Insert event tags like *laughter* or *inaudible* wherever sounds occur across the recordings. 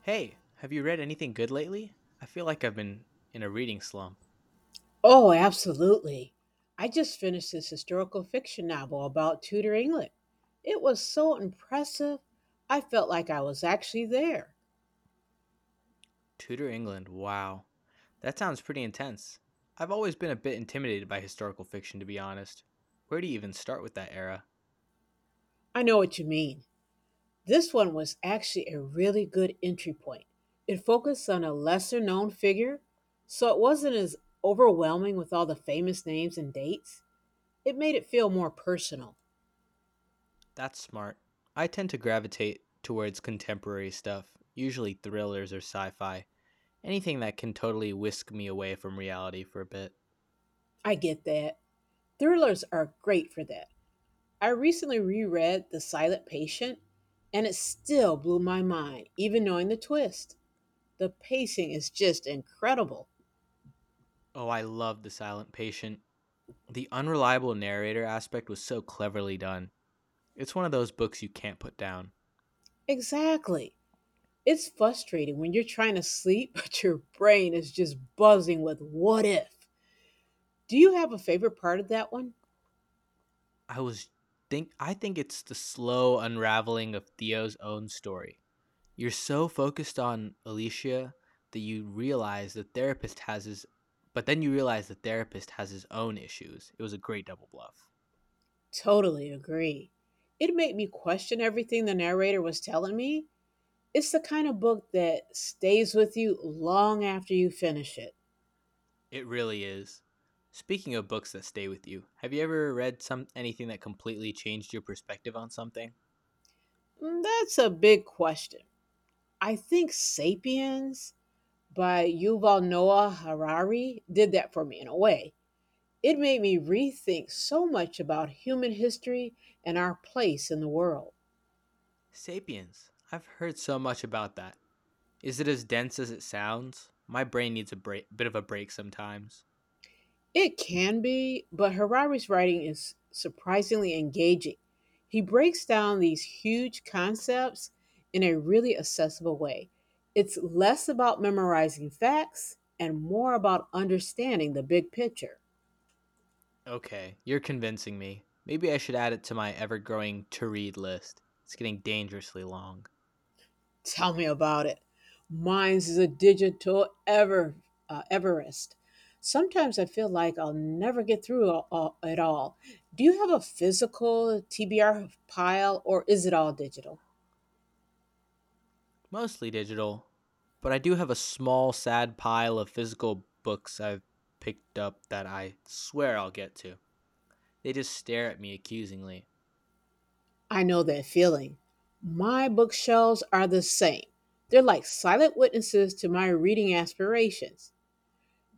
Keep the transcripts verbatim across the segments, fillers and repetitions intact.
Hey, have you read anything good lately? I feel like I've been in a reading slump. Oh, absolutely. I just finished this historical fiction novel about Tudor England. It was so impressive. I felt like I was actually there. Tudor England, wow. That sounds pretty intense. I've always been a bit intimidated by historical fiction, to be honest. Where do you even start with that era? I know what you mean. This one was actually a really good entry point. It focused on a lesser known figure, so it wasn't as overwhelming with all the famous names and dates. It made it feel more personal. That's smart. I tend to gravitate towards contemporary stuff, usually thrillers or sci fi, anything that can totally whisk me away from reality for a bit. I get that. Thrillers are great for that. I recently reread The Silent Patient, and it still blew my mind, even knowing the twist. The pacing is just incredible. Oh, I love The Silent Patient. The unreliable narrator aspect was so cleverly done. It's one of those books you can't put down. Exactly. It's frustrating when you're trying to sleep, *laughs* but your brain is just buzzing with what if. Do you have a favorite part of that one? I was think I think it's the slow unraveling of Theo's own story. You're so focused on Alicia that you realize the therapist has his But then you realize the therapist has his own issues. It was a great double bluff. Totally agree. It made me question everything the narrator was telling me. It's the kind of book that stays with you long after you finish it. It really is. Speaking of books that stay with you, have you ever read some anything that completely changed your perspective on something? Mm, that's a big question. I think Sapiens by Yuval Noah Harari did that for me in a way. It made me rethink so much about human history and our place in the world. Sapiens. I've heard so much about that. Is it as dense as it sounds? My brain needs a break, bit of a break sometimes. It can be, but Harari's writing is surprisingly engaging. He breaks down these huge concepts in a really accessible way. It's less about memorizing facts and more about understanding the big picture. Okay, you're convincing me. Maybe I should add it to my ever growing to read list. It's getting dangerously long. Tell me about it. Mines is a digital ever uh, Everest. Sometimes I feel like I'll never get through all, all, it all. Do you have a physical T B R pile or is it all digital? Mostly digital, but I do have a small, sad pile of physical books I've picked up that I swear I'll get to. They just stare at me accusingly. I know that feeling. My bookshelves are the same. They're like silent witnesses to my reading aspirations.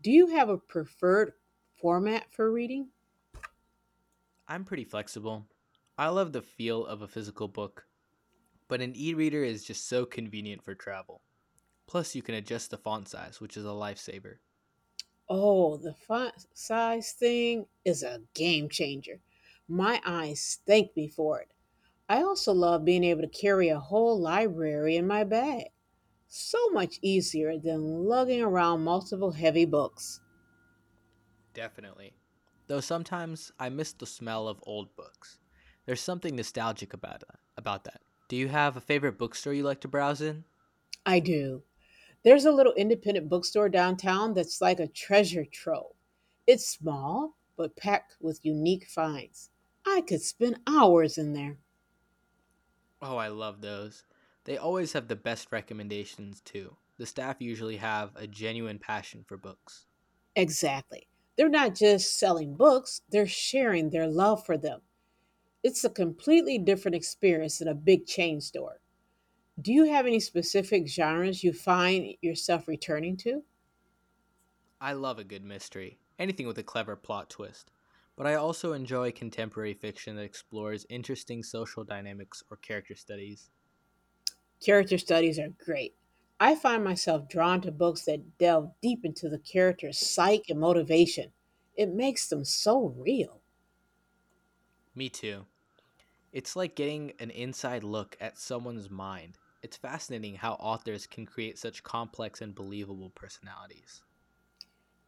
Do you have a preferred format for reading? I'm pretty flexible. I love the feel of a physical book, but an e reader is just so convenient for travel. Plus, you can adjust the font size, which is a lifesaver. Oh, the font size thing is a game changer. My eyes thank me for it. I also love being able to carry a whole library in my bag. So much easier than lugging around multiple heavy books. Definitely. Though sometimes I miss the smell of old books. There's something nostalgic about about that. Do you have a favorite bookstore you like to browse in? I do. There's a little independent bookstore downtown that's like a treasure trove. It's small, but packed with unique finds. I could spend hours in there. Oh, I love those. They always have the best recommendations too. The staff usually have a genuine passion for books. Exactly. They're not just selling books, they're sharing their love for them. It's a completely different experience than a big chain store. Do you have any specific genres you find yourself returning to? I love a good mystery, anything with a clever plot twist. But I also enjoy contemporary fiction that explores interesting social dynamics or character studies. Character studies are great. I find myself drawn to books that delve deep into the character's psyche and motivation. It makes them so real. Me too. It's like getting an inside look at someone's mind. It's fascinating how authors can create such complex and believable personalities.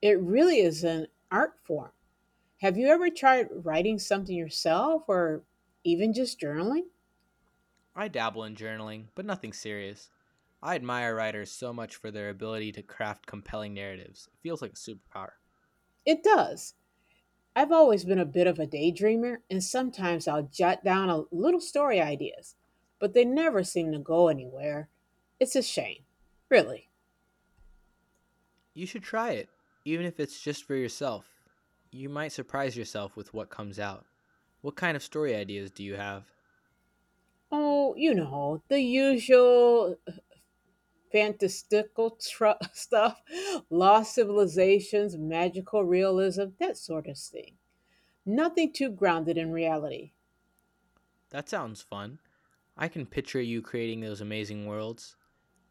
It really is an art form. Have you ever tried writing something yourself or even just journaling? I dabble in journaling, but nothing serious. I admire writers so much for their ability to craft compelling narratives. It feels like a superpower. It does. I've always been a bit of a daydreamer, and sometimes I'll jot down a little story ideas, but they never seem to go anywhere. It's a shame, really. You should try it, even if it's just for yourself. You might surprise yourself with what comes out. What kind of story ideas do you have? Oh, you know, the usual fantastical tru *laughs* stuff, lost civilizations, magical realism, that sort of thing. Nothing too grounded in reality. That sounds fun. I can picture you creating those amazing worlds.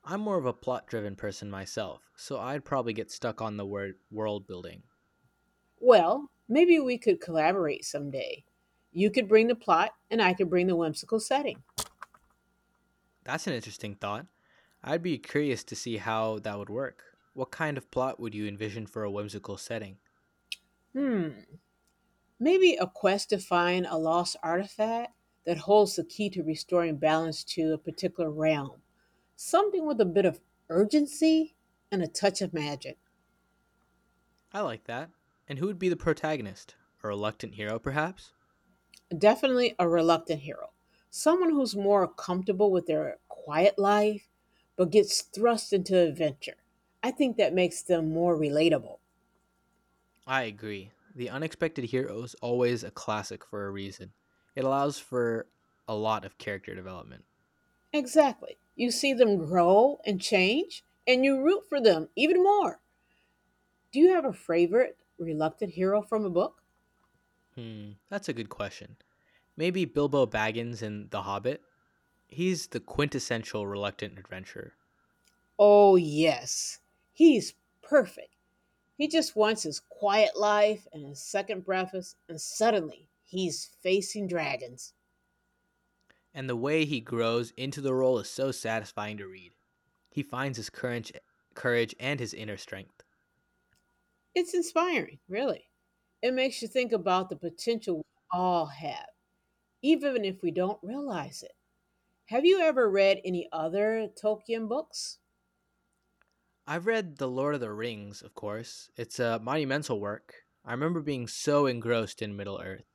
I'm more of a plot driven person myself, so I'd probably get stuck on the word world building. Well, maybe we could collaborate someday. You could bring the plot, and I could bring the whimsical setting. That's an interesting thought. I'd be curious to see how that would work. What kind of plot would you envision for a whimsical setting? Hmm. Maybe a quest to find a lost artifact that holds the key to restoring balance to a particular realm. Something with a bit of urgency and a touch of magic. I like that. And who would be the protagonist? A reluctant hero, perhaps? Definitely a reluctant hero. Someone who's more comfortable with their quiet life, but gets thrust into adventure. I think that makes them more relatable. I agree. The unexpected hero is always a classic for a reason. It allows for a lot of character development. Exactly. You see them grow and change, and you root for them even more. Do you have a favorite reluctant hero from a book? Hmm, that's a good question. Maybe Bilbo Baggins in The Hobbit? He's the quintessential reluctant adventurer. Oh, yes. He's perfect. He just wants his quiet life and his second breakfast, and suddenly he's facing dragons. And the way he grows into the role is so satisfying to read. He finds his courage, courage and his inner strength. It's inspiring, really. It makes you think about the potential we all have, even if we don't realize it. Have you ever read any other Tolkien books? I've read The Lord of the Rings, of course. It's a monumental work. I remember being so engrossed in Middle Earth.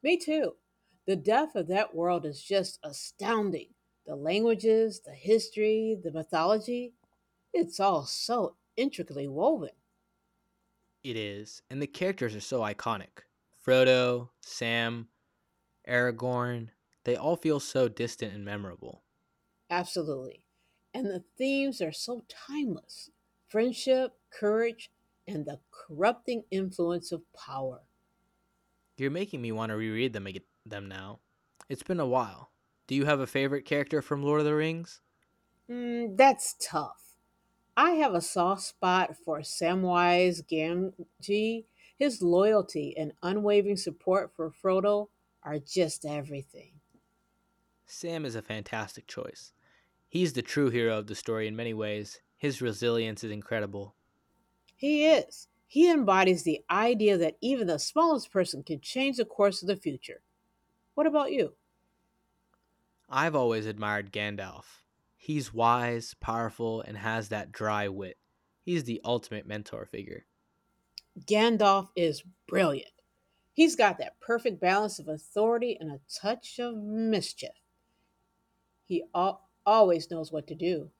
Me too. The depth of that world is just astounding. The languages, the history, the mythology, it's all so intricately woven. It is, and the characters are so iconic. Frodo, Sam, Aragorn, they all feel so distant and memorable. Absolutely. And the themes are so timeless friendship, courage, and the corrupting influence of power. You're making me want to reread them ag- them now. It's been a while. Do you have a favorite character from Lord of the Rings? Mm, that's tough. I have a soft spot for Samwise Gamgee. His loyalty and unwavering support for Frodo are just everything. Sam is a fantastic choice. He's the true hero of the story in many ways. His resilience is incredible. He is. He embodies the idea that even the smallest person can change the course of the future. What about you? I've always admired Gandalf. He's wise, powerful, and has that dry wit. He's the ultimate mentor figure. Gandalf is brilliant. He's got that perfect balance of authority and a touch of mischief. He al- always knows what to do.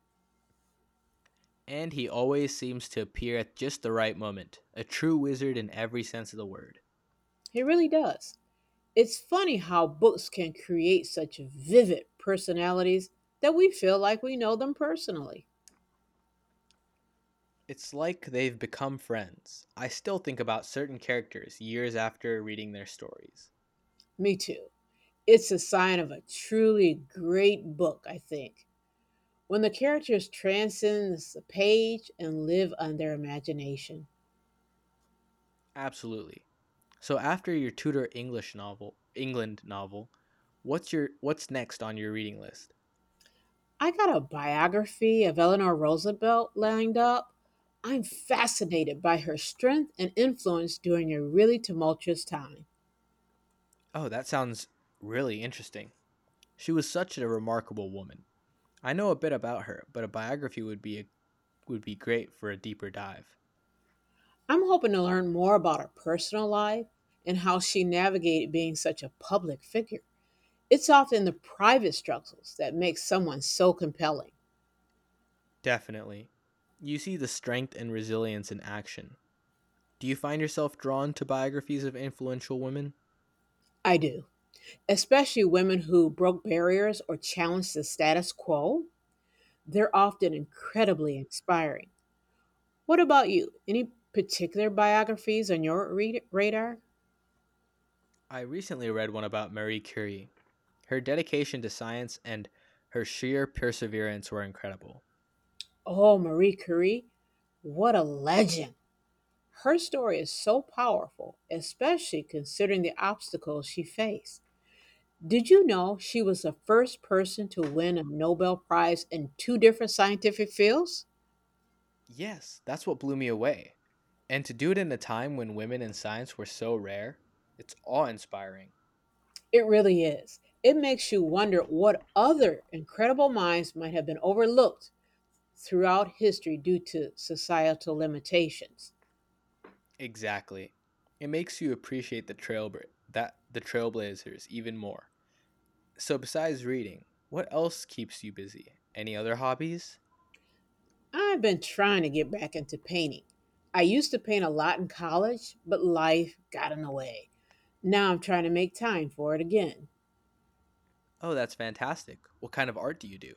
And he always seems to appear at just the right moment, a true wizard in every sense of the word. He really does. It's funny how books can create such vivid personalities that we feel like we know them personally. It's like they've become friends. I still think about certain characters years after reading their stories. Me too. It's a sign of a truly great book, I think, when the characters transcend the page and live on their imagination. Absolutely. So after your Tudor English novel, England novel, what's your what's next on your reading list? I got a biography of Eleanor Roosevelt lined up. I'm fascinated by her strength and influence during a really tumultuous time. Oh, that sounds really interesting. She was such a remarkable woman. I know a bit about her, but a biography would be a, would be great for a deeper dive. I'm hoping to learn more about her personal life and how she navigated being such a public figure. It's often the private struggles that make someone so compelling. Definitely. You see the strength and resilience in action. Do you find yourself drawn to biographies of influential women? I do, especially women who broke barriers or challenged the status quo. They're often incredibly inspiring. What about you? Any particular biographies on your re- radar? I recently read one about Marie Curie. Her dedication to science and her sheer perseverance were incredible. Oh, Marie Curie. What a legend. Her story is so powerful, especially considering the obstacles she faced. Did you know she was the first person to win a Nobel Prize in two different scientific fields? Yes, that's what blew me away. And to do it in a time when women in science were so rare, it's awe inspiring. It really is. It makes you wonder what other incredible minds might have been overlooked throughout history due to societal limitations. Exactly. It makes you appreciate the trailbla- that the trailblazers even more. So besides reading, what else keeps you busy? Any other hobbies? I've been trying to get back into painting. I used to paint a lot in college, but life got in the way. Now I'm trying to make time for it again. Oh, that's fantastic. What kind of art do you do?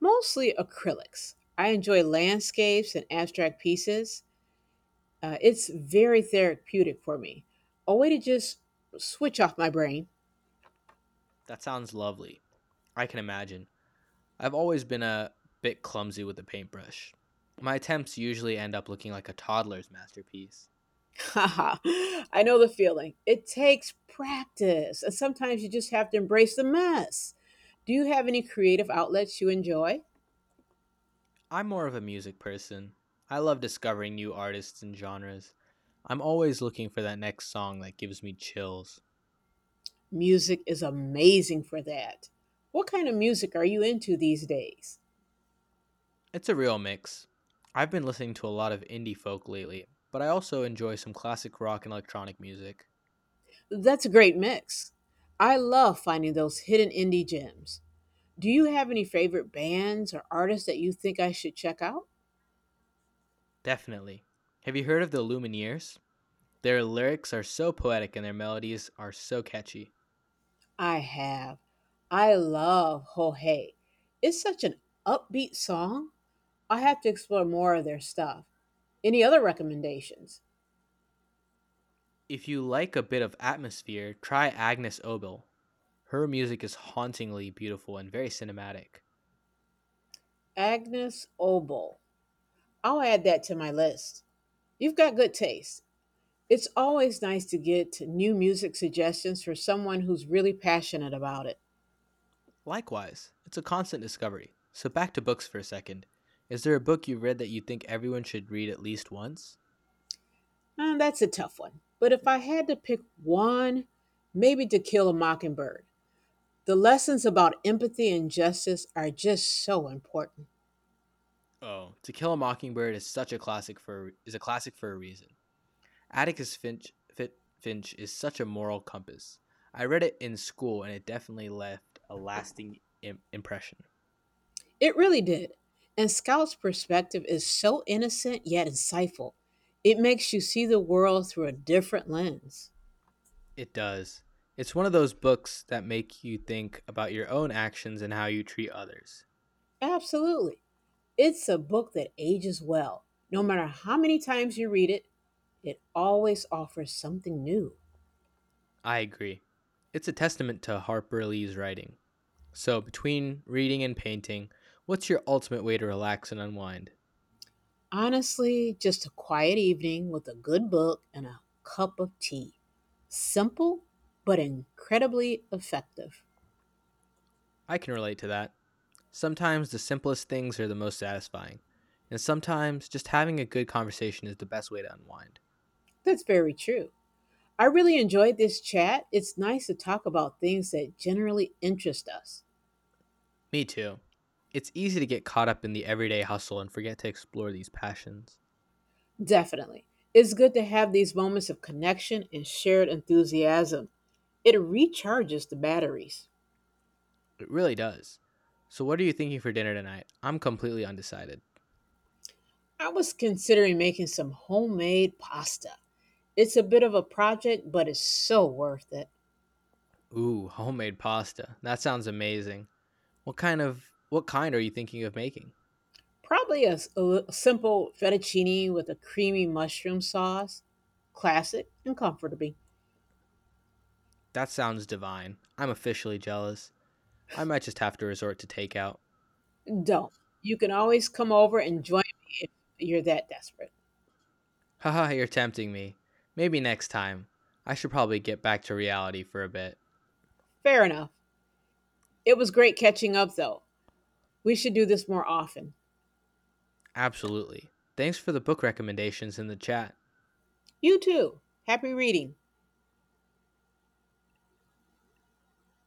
Mostly acrylics. I enjoy landscapes and abstract pieces. Uh, it's very therapeutic for me. A way to just switch off my brain. That sounds lovely. I can imagine. I've always been a bit clumsy with the paintbrush. My attempts usually end up looking like a toddler's masterpiece. *laughs* Haha, I know the feeling. It takes practice, and sometimes you just have to embrace the mess. Do you have any creative outlets you enjoy? I'm more of a music person. I love discovering new artists and genres. I'm always looking for that next song that gives me chills. Music is amazing for that. What kind of music are you into these days? It's a real mix. I've been listening to a lot of indie folk lately, but I also enjoy some classic rock and electronic music. That's a great mix. I love finding those hidden indie gems. Do you have any favorite bands or artists that you think I should check out? Definitely. Have you heard of the Lumineers? Their lyrics are so poetic and their melodies are so catchy. I have. I love Ho Hey. It's such an upbeat song. I have to explore more of their stuff. Any other recommendations? If you like a bit of atmosphere, try Agnes Obel. Her music is hauntingly beautiful and very cinematic. Agnes Obel. I'll add that to my list. You've got good taste. It's always nice to get new music suggestions for someone who's really passionate about it. Likewise, it's a constant discovery. So back to books for a second. Is there a book you read that you think everyone should read at least once? Uh, that's a tough one. But if I had to pick one, maybe To Kill a Mockingbird. The lessons about empathy and justice are just so important. Oh, To Kill a Mockingbird is such a classic for is a classic for a reason. Atticus Finch Finch is such a moral compass. I read it in school and it definitely left a lasting Im- impression. It really did. And Scout's perspective is so innocent yet insightful. It makes you see the world through a different lens. It does. It's one of those books that make you think about your own actions and how you treat others. Absolutely. It's a book that ages well. No matter how many times you read it, it always offers something new. I agree. It's a testament to Harper Lee's writing. So, between reading and painting, what's your ultimate way to relax and unwind? Honestly, just a quiet evening with a good book and a cup of tea. Simple, but incredibly effective. I can relate to that. Sometimes the simplest things are the most satisfying, and sometimes just having a good conversation is the best way to unwind. That's very true. I really enjoyed this chat. It's nice to talk about things that generally interest us. Me too. It's easy to get caught up in the everyday hustle and forget to explore these passions. Definitely. It's good to have these moments of connection and shared enthusiasm. It recharges the batteries. It really does. So, what are you thinking for dinner tonight? I'm completely undecided. I was considering making some homemade pasta. It's a bit of a project, but it's so worth it. Ooh, homemade pasta. That sounds amazing. What kind of what kind are you thinking of making? Probably a, s- a li- simple fettuccine with a creamy mushroom sauce, classic and comfortable. That sounds divine. I'm officially jealous. I might just have to resort to takeout. Don't. You can always come over and join me if you're that desperate. Haha, *laughs* you're tempting me. Maybe next time. I should probably get back to reality for a bit. Fair enough. It was great catching up, though. We should do this more often. Absolutely. Thanks for the book recommendations in the chat. You too. Happy reading.